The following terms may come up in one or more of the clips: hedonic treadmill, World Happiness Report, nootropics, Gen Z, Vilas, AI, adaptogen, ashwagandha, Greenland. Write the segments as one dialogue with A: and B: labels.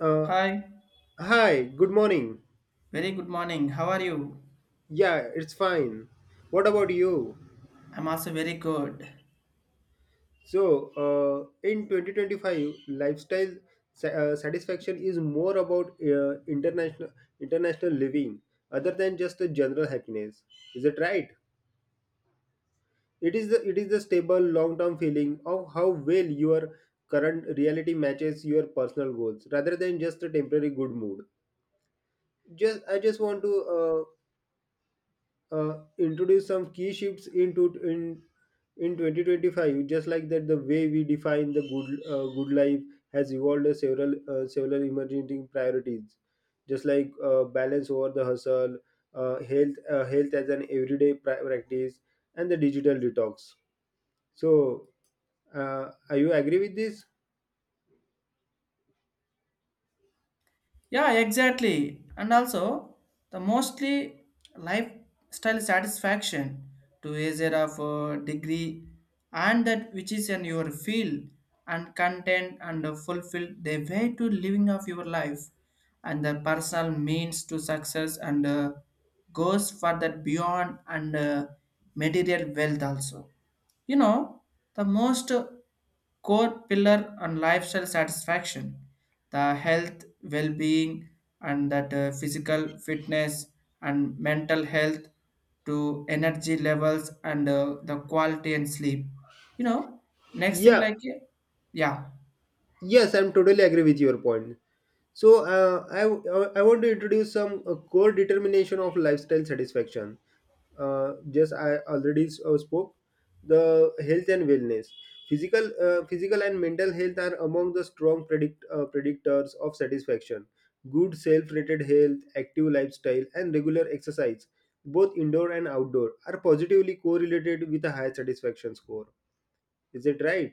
A: Uh,
B: Hi,
A: Hi, good morning.
B: very good morning. How are you?
A: Yeah, it's fine. What about you?
B: I'm also very good.
A: So, in 2025, lifestyle satisfaction is more about international living other than just the general happiness. Is it right? It is the stable long-term feeling of how well your current reality matches your personal goals rather than just a temporary good mood. Just I just want to introduce some key shifts into in 2025, just like that the way we define the good good life has evolved as several emerging priorities, just like balance over the hustle, health health as an everyday practice, and the digital detox. So are you agree with this?
B: Yeah, exactly. And also, the mostly lifestyle satisfaction to either of a degree, and that which is in your field and content and fulfill the way to living of your life, and the personal means to success and goes further beyond and material wealth also, you know. The most core pillar on lifestyle satisfaction, the health, well-being, and that physical fitness and mental health to energy levels, and the quality and sleep. You know, next thing
A: Yeah.
B: like. Yeah.
A: Yes, I'm totally agree with your point. So I want to introduce some core determination of lifestyle satisfaction. Just I already spoke the health and wellness. Physical and mental health are among the strong predictors of satisfaction. Good self-rated health, active lifestyle, and regular exercise, both indoor and outdoor, are positively correlated with a high satisfaction score. Is it right?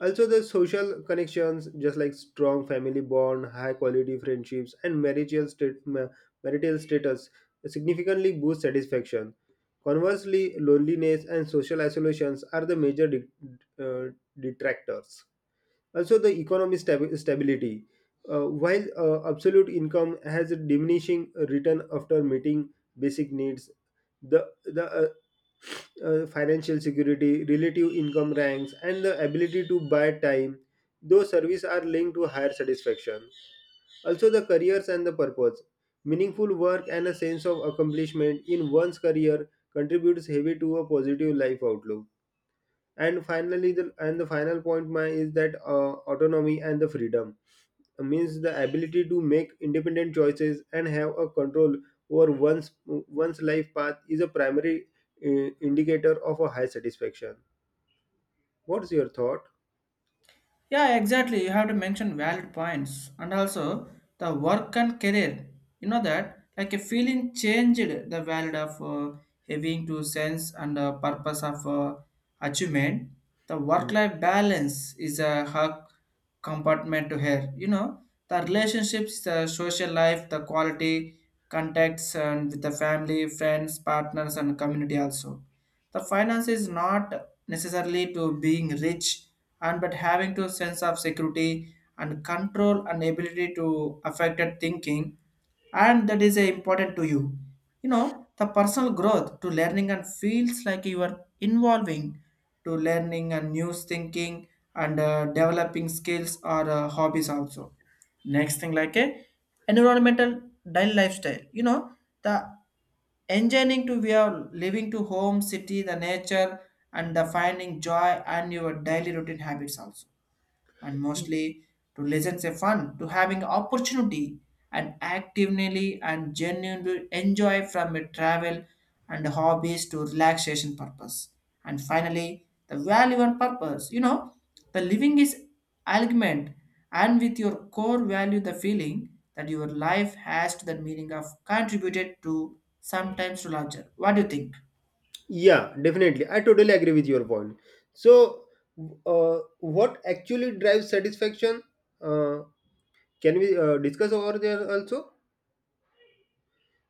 A: Also, there's social connections, just like strong family bond, high quality friendships, and marital status significantly boost satisfaction. Conversely, loneliness and social isolations are the major uh, detractors. Also, the economic stability. While absolute income has a diminishing return after meeting basic needs, the financial security, relative income ranks, and the ability to buy time. Those services are linked to higher satisfaction. Also, the careers and the purpose. Meaningful work and a sense of accomplishment in one's career contributes heavy to a positive life outlook. And finally, the final point my is that autonomy and the freedom means the ability to make independent choices and have a control over one's life path is a primary indicator of a high satisfaction. What's your thought?
B: Yeah, exactly. You have to mention valid points, and also the work and career. You know that, like a feeling changed the value of having to sense and purpose of achievement. The
A: Y-
B: work-life balance is a hug compartment to her. You know the relationships, the social life, the quality contacts, and with the family, friends, partners, and community. Also the finance is not necessarily to being rich, and but having to sense of security and control and ability to affected thinking, and that is important to you. You know, the personal growth to learning and feels like you are involving to learning and new thinking, and developing skills or hobbies also. Next thing like a environmental dial lifestyle, you know, the enjoying to we are living to home city the nature, and the finding joy and your daily routine habits also. And mostly to lessons a fun to having opportunity and actively and genuinely enjoy from a travel and hobbies to relaxation purpose. And finally the value and purpose, you know, the living is alignment, and with your core value the feeling that your life has to the meaning of contributed to sometimes to larger. What do you think?
A: yeah, definitely. I totally agree with your point. So what actually drives satisfaction? uh, can we discuss over there also?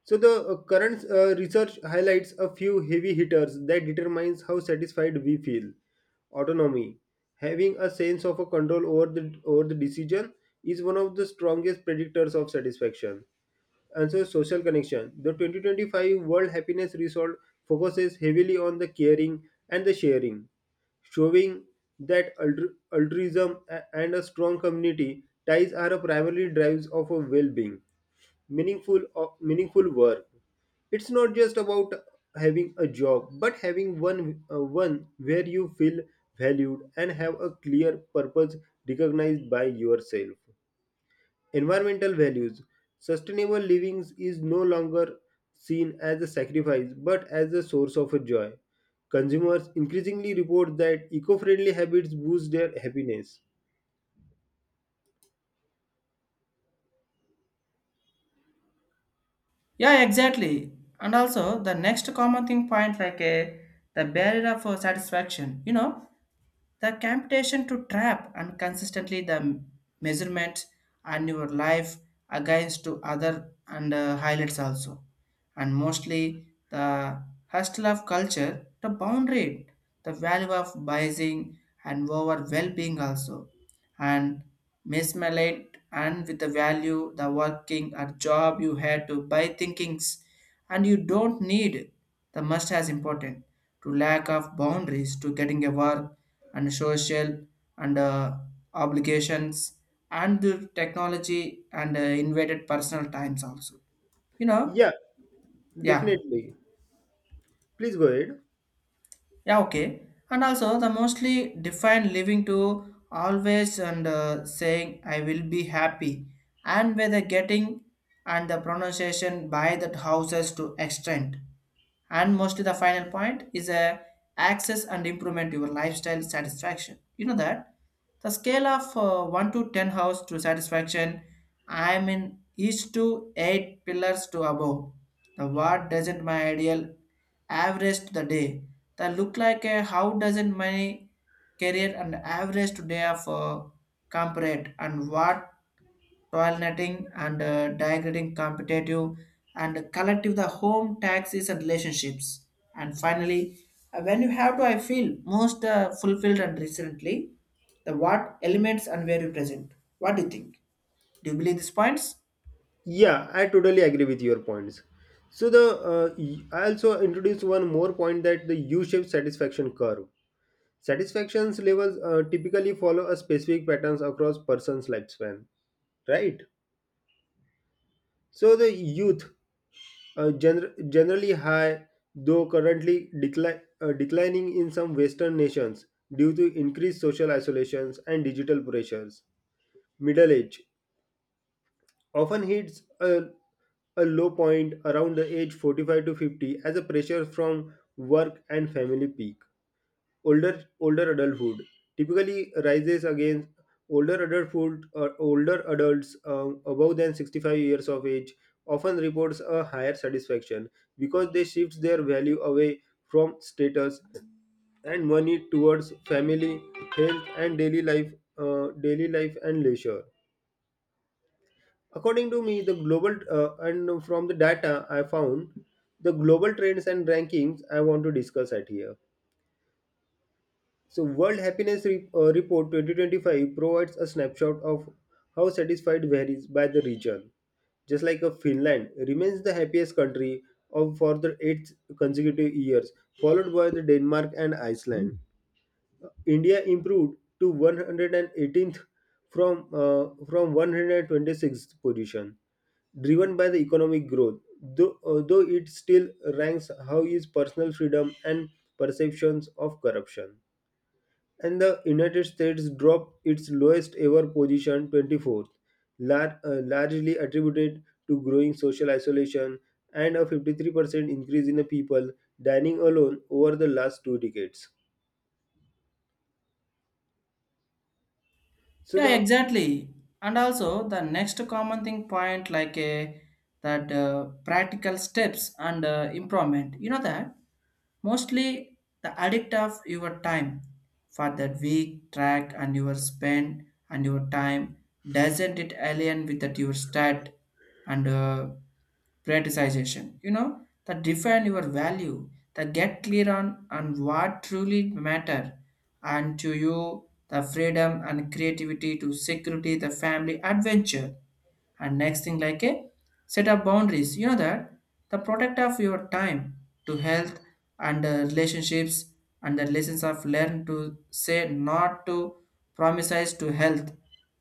A: So the current research highlights a few heavy hitters that determines how satisfied we feel. Autonomy, having a sense of a control over the decision, is one of the strongest predictors of satisfaction. And so social connection, the 2025 world happiness result focuses heavily on the caring and the sharing, showing that altruism and a strong community ties are a primary drives of a well-being. Meaningful work. It's not just about having a job, but having one where you feel valued and have a clear purpose recognized by yourself. Environmental values. Sustainable living is no longer seen as a sacrifice but as a source of joy. Consumers increasingly report that eco-friendly habits boost their happiness.
B: Yeah, exactly. And also the next common thing point like a the barrier of satisfaction. You know, the temptation to trap and consistently the measurement and your life against to other, and highlights also. And mostly the hustle of culture the boundary, the value of biasing and over well-being also. And mesmelate and with the value the working or job, you had to buy thinkings and you don't need the must as important to lack of boundaries to getting a work, and social and obligations and the technology and invaded personal times also, you know.
A: Yeah,
B: Yeah.
A: definitely. Please go ahead.
B: Yeah, okay. And also, the mostly defined living to always and saying, I will be happy. And whether getting and the pronunciation by that houses to extent. And mostly the final point is a access and improvement your lifestyle satisfaction. You know that? The scale of 1 to 10 house to satisfaction, I am in each to 8 pillars to above. The what doesn't my ideal averaged the day. That look like a how doesn't my career and average today of comparate and what toileting and degrading competitive and collective the home taxes and relationships. And finally, when you have to, I feel most fulfilled and recently the what elements and where you present. What do you think? Do you believe these points?
A: Yeah, I totally agree with your points. So the I also introduced one more point, that the U-shaped satisfaction curve. Satisfaction levels typically follow a specific patterns across person's lifespan, right? So the youth generally high, though currently decline declining in some Western nations due to increased social isolations and digital pressures. Middle age often hits a low point around the age 45 to 50 as a pressure from work and family peak. Older adulthood typically rises against older adulthood, or older adults above than 65 years of age, often reports a higher satisfaction because they shift their value away from status and money towards family, health, and daily life and leisure. According to me, the global and from the data I found, the global trends and rankings I want to discuss at here. So, World Happiness Report 2025 provides a snapshot of how satisfied varies by the region. Just like a Finland remains the happiest country of for the eighth consecutive years, followed by the Denmark and Iceland. India improved to 118th from 126th position, driven by the economic growth. Though it still ranks how is personal freedom and perceptions of corruption. And the United States dropped its lowest ever position, 24th, largely attributed to growing social isolation and a 53% increase in the people dining alone over the last two decades. So
B: Yeah,
A: the
B: exactly. And also the next common thing point like a that practical steps and improvement. You know that, mostly the addict of your time for that week, track and your spend and your time doesn't it alien with that your stat, and prioritization, you know that, define your value that get clear on what truly matter and to you, the freedom and creativity to security the family adventure. And next thing like a set up boundaries, you know that the product of your time to health and relationships and the lessons of learn to say not to promises to health,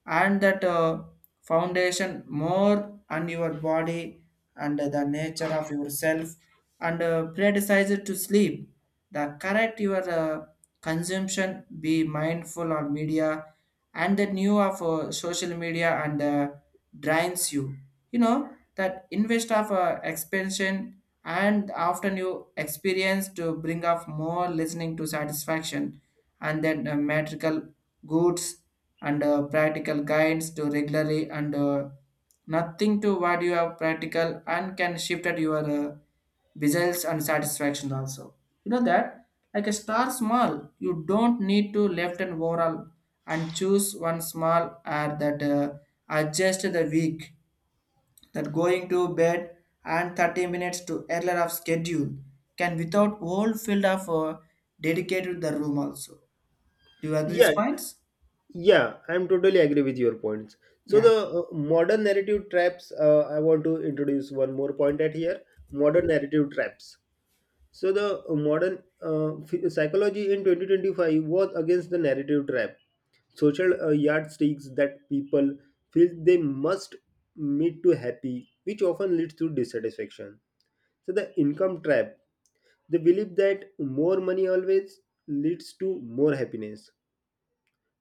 B: and that foundation more on your body and the nature of yourself and prioritize it to sleep, the correct your consumption, be mindful on media and the new of social media and drains you. You know that, invest of expansion and often you experience to bring up more listening to satisfaction, and then material goods and practical guides to regularly and nothing to what you have practical and can shift at your results and satisfaction also. You know that, like a star small, you don't need to left and overall, and choose one small or that adjust the week that going to bed and 30 minutes to earlier of schedule can without whole field of dedicated the room also. Do you agree these
A: yeah,
B: points?
A: yeah, I'm totally agree with your points. So
B: Yeah.
A: the modern narrative traps. I want to introduce one more point at here. Modern narrative traps. So the psychology in 2025 was against the narrative trap. Social yardsticks that people feel they must meet to happy, which often leads to dissatisfaction. So the income trap. They believe that more money always leads to more happiness,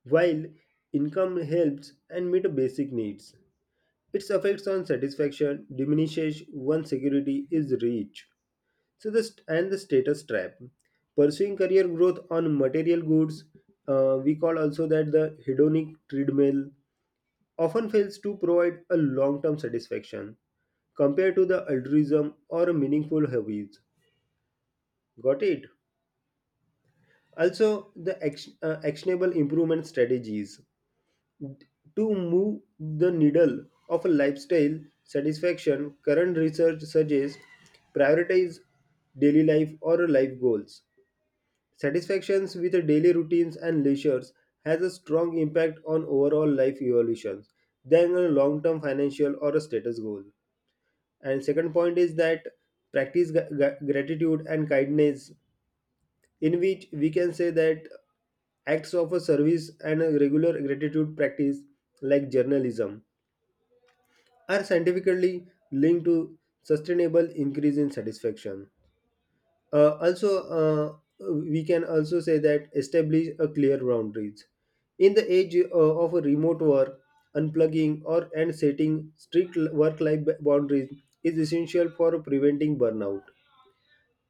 A: while income helps and meet basic needs, its effects on satisfaction diminishes once security is reached. So this and the status trap. Pursuing career growth on material goods, we call also that the hedonic treadmill, often fails to provide a long-term satisfaction compared to the altruism or meaningful hobbies. Got it? Also, the actionable improvement strategies. To move the needle of a lifestyle satisfaction, current research suggests prioritize daily life or life goals. Satisfactions with daily routines and leisures has a strong impact on overall life evolutions than a long-term financial or a status goal. And second point is that practice gratitude and kindness, in which we can say that acts of a service and a regular gratitude practice like journalism are scientifically linked to sustainable increase in satisfaction. Also, uh, we can also say that establish a clear boundaries. In the age of a remote work, unplugging or and setting strict work-life boundaries is essential for preventing burnout.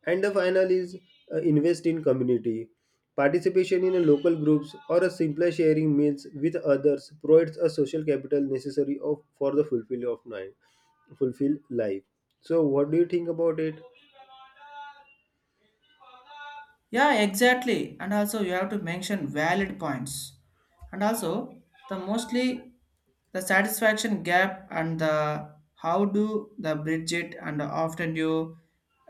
A: And the final is invest in community. Participation in a local groups or a simpler sharing meals with others provides a social capital necessary for the fulfill of life, fulfill life. So, what do you think about it?
B: Yeah, exactly. And also you have to mention valid points. And also the mostly the satisfaction gap and the how do the bridge it, and often you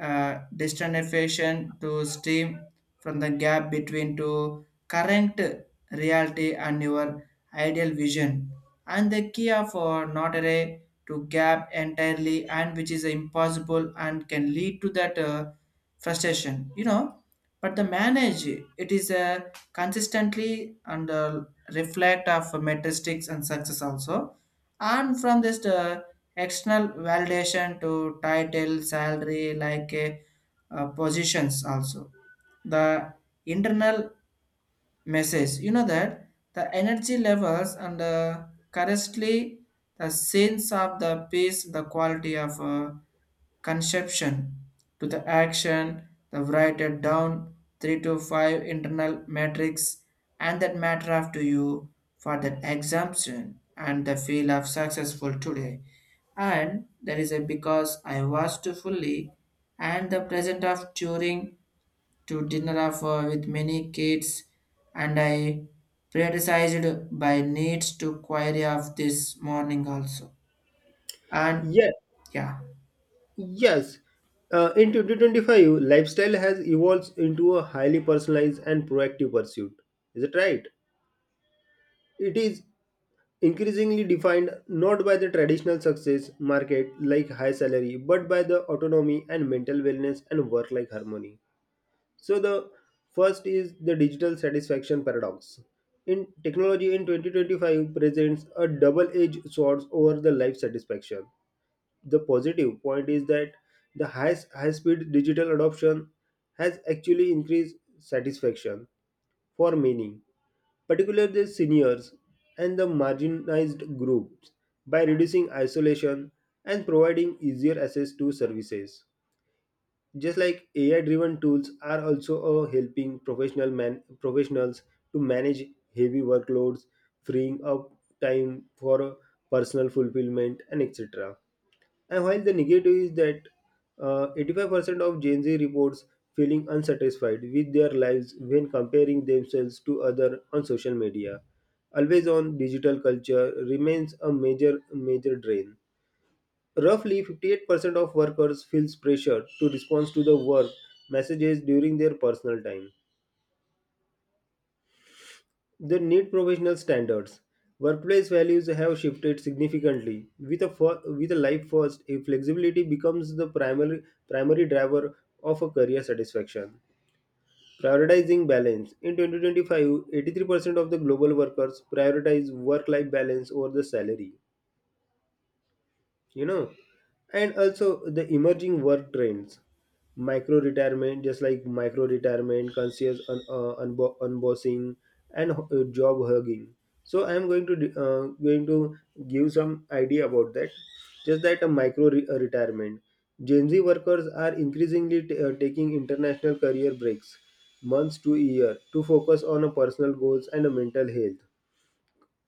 B: destination to stream from the gap between to current reality and your ideal vision, and the key of not array to gap entirely, and which is impossible and can lead to that frustration, you know. But the manage it is a consistently and reflect of metrics and success also. And from this external validation to title salary, like positions also. The internal message, you know that, the energy levels and currently the sense of the pace, the quality of conception to the action, the write it down three to five internal metrics and that matter of to you for that exemption and the feel of successful today, and that is a because I was to fully, and the present of turing to dinner of, with many kids, and I prioritized by needs to query of this morning also. And
A: Yeah,
B: yeah.
A: yes. In 2025, lifestyle has evolved into a highly personalized and proactive pursuit. Is it right? It is increasingly defined not by the traditional success market like high salary but by the autonomy and mental wellness and work life harmony. So the first is the digital satisfaction paradox in technology in 2025 presents a double edged sword over the life satisfaction. The positive point is that the high speed digital adoption has actually increased satisfaction for many, particularly the seniors and the marginalized groups, by reducing isolation and providing easier access to services. Just like AI driven tools are also professionals to manage heavy workloads, freeing up time for personal fulfillment and etc. And while the negative is that 85% of Gen Z reports feeling unsatisfied with their lives when comparing themselves to others on social media. Always on digital culture remains a major drain. Roughly 58% of workers feels pressure to respond to the work messages during their personal time. They need professional standards. Workplace values have shifted significantly. With a life first, a flexibility becomes the primary driver of a career satisfaction. Prioritizing balance. In 2025, 83% of the global workers prioritize work life balance over the salary, you know. And also the emerging work trends, micro retirement, just like micro retirement, conscious unbossing, and job hugging. So I am going to going to give some idea about that. Just that a micro retirement, gen z workers are increasingly taking international career breaks, months to year, to focus on a personal goals and a mental health.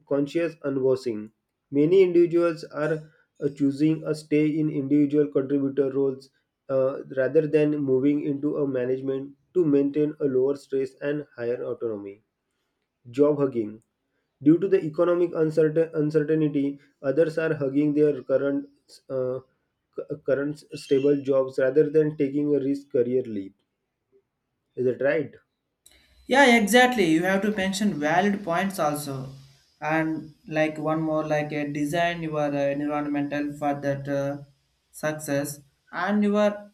A: Conscious unbossing. Many individuals are choosing a stay in individual contributor roles rather than moving into a management to maintain a lower stress and higher autonomy. Job hugging. Due to the economic uncertainty, others are hugging their current uh, current stable jobs rather than taking a risk career leap. Is that right?
B: Yeah, exactly. You have to mention valid points also. And like one more, like design your environmental for that success, and your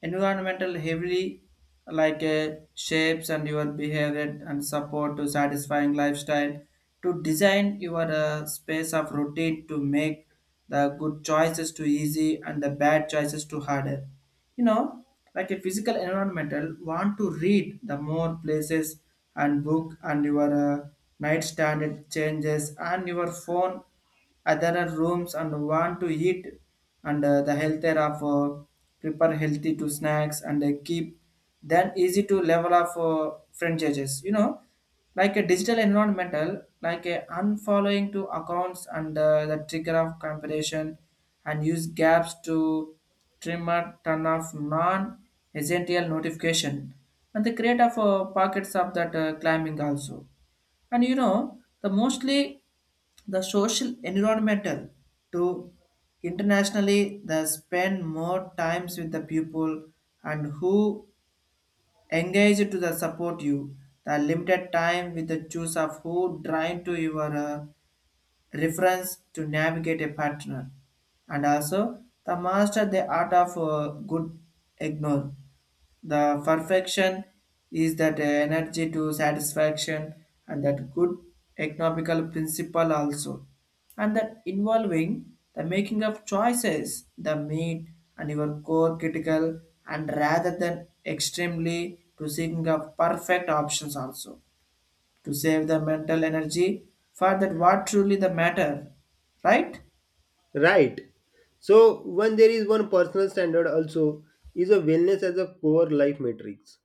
B: environmental heavily, like shapes and your behavior and support to satisfying lifestyle, to design your space of routine to make the good choices to easy and the bad choices to harder, you know, like a physical environmental, want to read the more places and book and your nightstand it changes and your phone other rooms, and want to eat and the healthier of prepare healthy to snacks and keep then easy to level of franchises, you know, like a digital environmental, like a unfollowing to accounts and the trigger of comparison, and use gaps to trim or turn off non-essential notification and the create of pockets of that climbing also. And you know, the mostly the social environmental to internationally they spend more times with the pupil and who engage to the support you. The limited time with the choice of who drawn to your reference to navigate a partner. And also the master the art of good ignore the perfection is that energy to satisfaction, and that good economical principle also. And that involving the making of choices, the meat and your core critical, and rather than extremely to seeking of perfect options also, to save the mental energy for that what truly the matter, right?
A: Right. So when there is one personal standard also is a wellness as a core life matrix.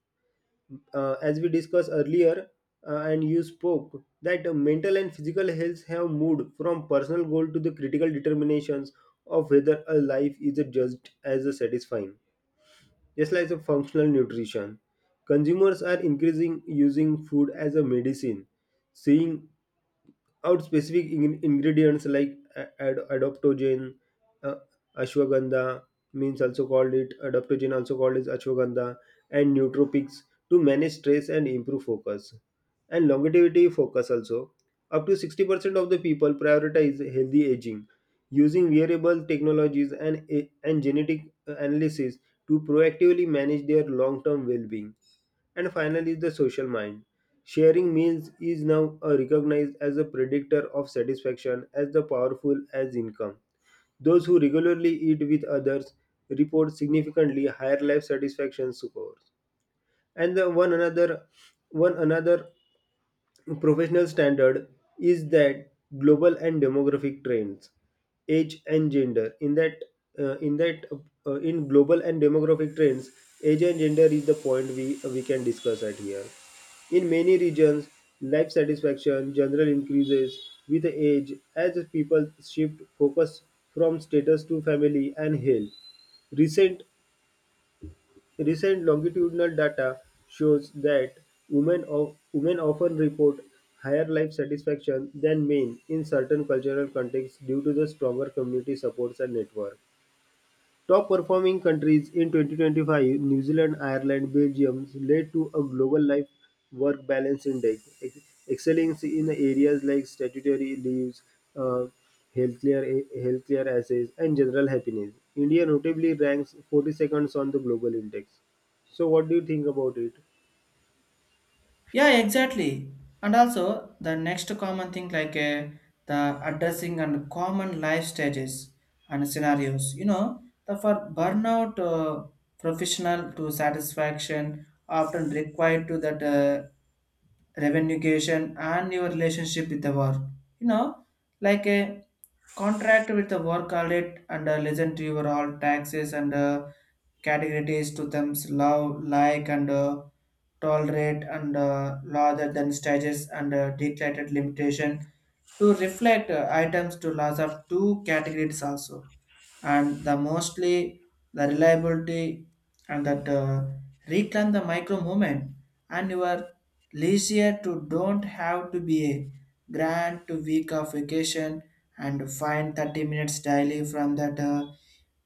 A: As we discussed earlier, and you spoke that mental and physical health have moved from personal goal to the critical determinations of whether a life is judged as a satisfying, just like the functional nutrition. Consumers are increasing using food as a medicine, seeing out specific ingredients like adaptogen, uh, ashwagandha means also called it adaptogen also called is ashwagandha and nootropics to manage stress and improve focus and longevity focus also. Up to 60% of the people prioritize healthy aging using wearable technologies and genetic analysis to proactively manage their long-term well-being. And finally, the social mind. Sharing means is now recognized as a predictor of satisfaction as the powerful as income. Those who regularly eat with others report significantly higher life satisfaction scores. And the one another professional standard is that global and demographic trends age and gender uh, in that in global and demographic trends age and gender is the point we can discuss at here. In many regions life satisfaction generally increases with age as people shift focus from status to family and health. Recent Recent longitudinal data shows that women often report higher life satisfaction than men in certain cultural contexts due to the stronger community supports and network. Top performing countries in 2025, New Zealand, Ireland, Belgium led to a global life work balance index, excelling in areas like statutory leaves, uh, healthcare, healthcare assets, and general happiness. India notably ranks 42nd on the global index. So, what do you think about it?
B: Yeah, exactly. And also the next common thing like the addressing and common life stages and scenarios. You know, the for burnout professional to satisfaction often required to that. Revenueation and your relationship with the work, you know, like a contract with the work audit and listen to your all taxes and categories to them love like, and tolerate and larger than stages and declared limitation to reflect items to loss of two categories also. And the mostly the reliability and that reclaim the micro movement and your Leisure to don't have to be a grand to week of vacation, and find 30 minutes daily from that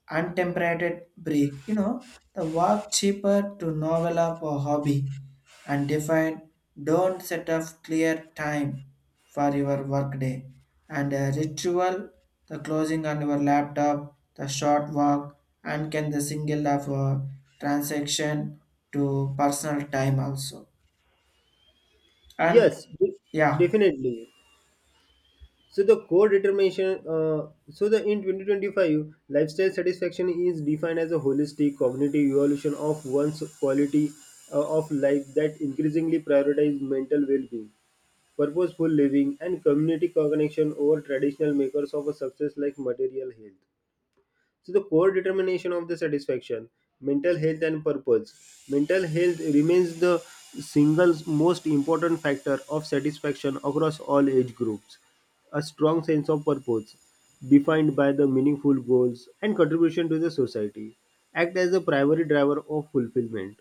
B: untemperated break. You know, the work cheaper to novel up a hobby and define don't set up clear time for your workday, and a ritual the closing on your laptop, the short walk and can the single of a transaction to personal time also. And
A: Yes,
B: yeah.
A: definitely. So the core determination, so the in 2025, lifestyle satisfaction is defined as a holistic cognitive evolution of one's quality of life that increasingly prioritizes mental well-being, purposeful living, and community connection over traditional makers of a success like material health. So the core determination of the satisfaction, mental health and purpose. Mental health remains the single most important factor of satisfaction across all age groups. A strong sense of purpose, defined by the meaningful goals and contribution to the society, act as the primary driver of fulfillment,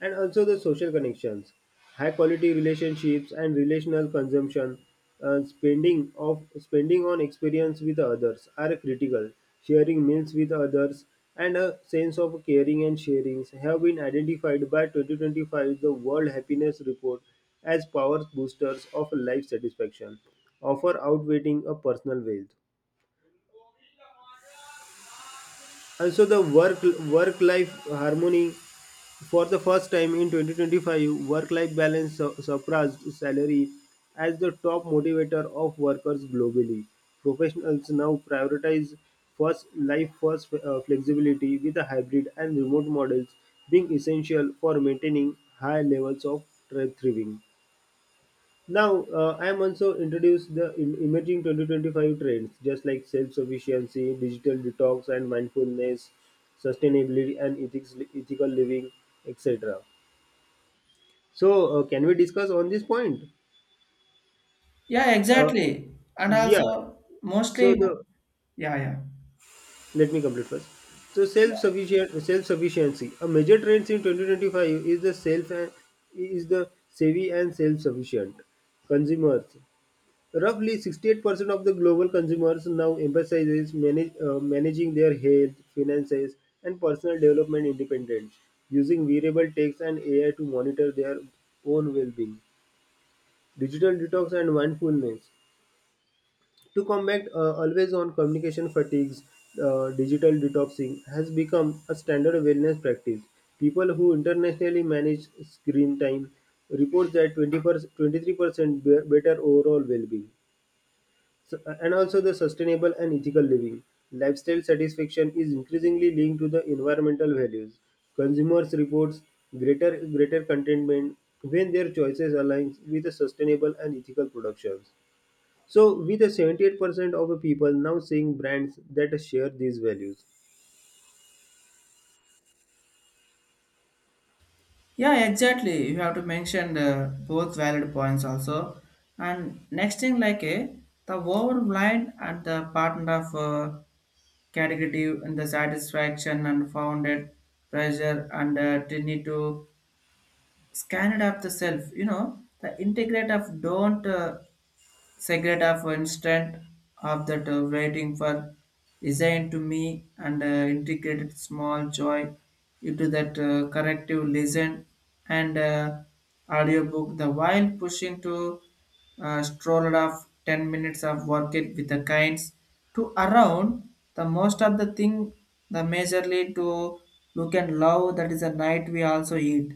A: and also the social connections, high quality relationships and relational consumption, spending on experience with others are critical. Sharing meals with others and a sense of caring and sharing have been identified by 2025 the World Happiness Report as power boosters of life satisfaction, offer outweighing a personal wealth. Also, the work life harmony, for the first time in 2025, work life balance surpassed salary as the top motivator of workers globally. Professionals now prioritize first life first flexibility with the hybrid and remote models being essential for maintaining high levels of thriving. Now, I am also introduced the emerging 2025 trends, just like self-sufficiency, digital detox, and mindfulness, sustainability, and ethics, ethical living, etc. So, can we discuss on this point?
B: Yeah,
A: Uh,
B: exactly. And
A: yeah.
B: also,
A: So
B: mostly,
A: the
B: yeah,
A: let me complete first. So
B: yeah.
A: self-sufficiency. A major trend in 2025 is the savvy and self-sufficient consumers. Roughly 68% of the global consumers now emphasizes managing their health, finances, and personal development independently, using wearable techs and AI to monitor their own well-being, digital detox, and mindfulness. To combat always-on communication fatigues, digital detoxing has become a standard wellness practice. People who internationally manage screen time report that 20 23% better overall well-being. So, and also the sustainable and ethical living. Lifestyle satisfaction is increasingly linked to the environmental values. Consumers reports greater contentment when their choices align with the sustainable and ethical productions. So, with the 78% of the people now seeing brands that share these values.
B: Yeah, exactly. You have to mention the both valid points also. And next thing, like the overblind and the partner of category and the satisfaction and founded pressure, and they need to scan it up the self. You know, the integrate of don't secret of instant of that waiting for designed to me, and integrated small joy into that corrective listen and audiobook the while pushing to stroll off 10 minutes of work it with the kinds to around, the most of the thing the majorly to look and love that is a night we also eat,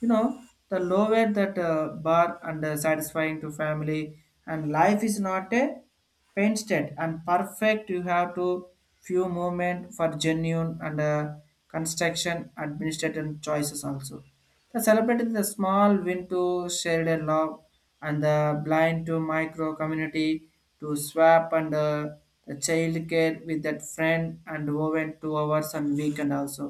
B: you know, the lower that bar and satisfying to family, and life is not a painted and perfect. You have to few moment for genuine and construction administrative choices also. The celebrated the small win to shared a love, and the blind to micro community to swap and the child care with that friend and woven 2 hours and weekend also.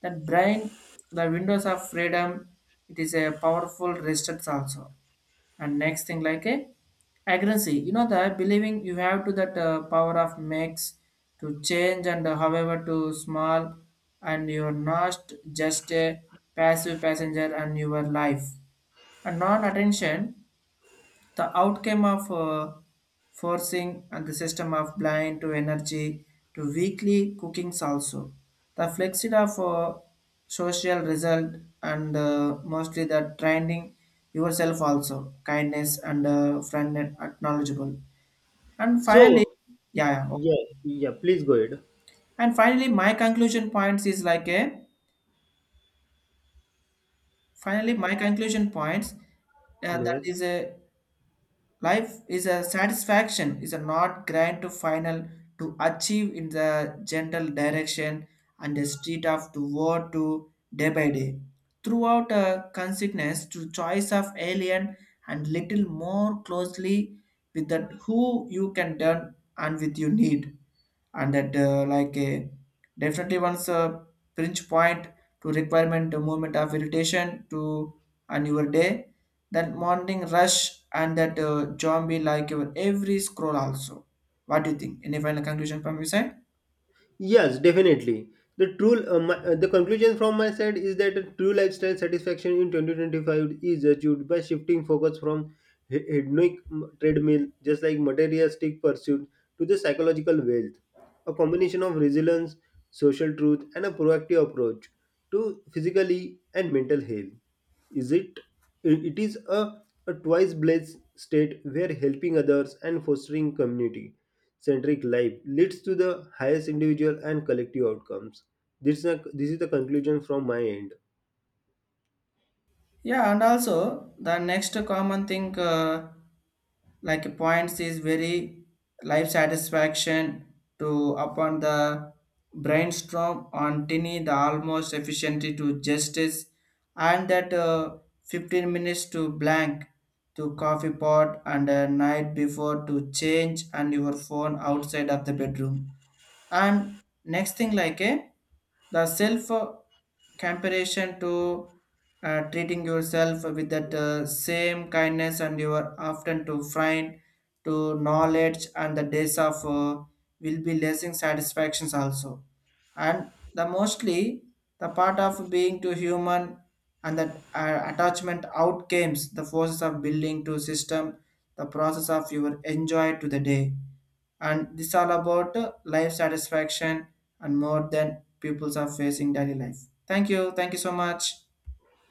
B: That brain, the windows of freedom, it is a powerful resistance also. And next thing like a agency, you know the believing you have to that power of makes to change and however to small, and you are not just a passive passenger and your life, and non-attention the outcome of forcing and the system of blind to energy to weekly cookings also. The flexid of social result, and mostly the training yourself also kindness and friend and acknowledgeable. And finally,
A: So,
B: yeah. Yeah, okay.
A: yeah, yeah, please go ahead.
B: And finally my conclusion points is like a, finally my conclusion points that
A: Yes.
B: is a, life is a satisfaction, is a not grind to final to achieve in the general direction and the street of to war to day by day. Throughout a consciousness to choice of alien and little more closely with that who you can turn and with you need, and that like a definitely once pinch point to requirement a moment of irritation to on your day, that morning rush and that zombie like your every scroll also. What do you think? Any final conclusion from your side?
A: Yes, definitely. The conclusion from my side is that a true lifestyle satisfaction in 2025 is achieved by shifting focus from hedonic treadmill, just like materialistic pursuit, to the psychological wealth, a combination of resilience, social truth, and a proactive approach to physically and mental health. Is it? It is a twice blessed state where helping others and fostering community centric life leads to the highest individual and collective outcomes. This is the conclusion from my end.
B: Yeah, and also the next common thing like points is very life satisfaction to upon the brainstorm on tiny the almost efficiency to justice, and that 15 minutes to blank to coffee pot and a night before to change and your phone outside of the bedroom. And next thing like a the self comparison to treating yourself with that same kindness, and you are often to find to knowledge and the days of will be lessing satisfactions also. And the mostly the part of being to human, and that attachment outcomes the forces of building to system, the process of your enjoy to the day. And this all about life satisfaction and more than peoples are facing daily life. Thank you. Thank you so much.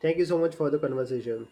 A: Thank you so much for the conversation.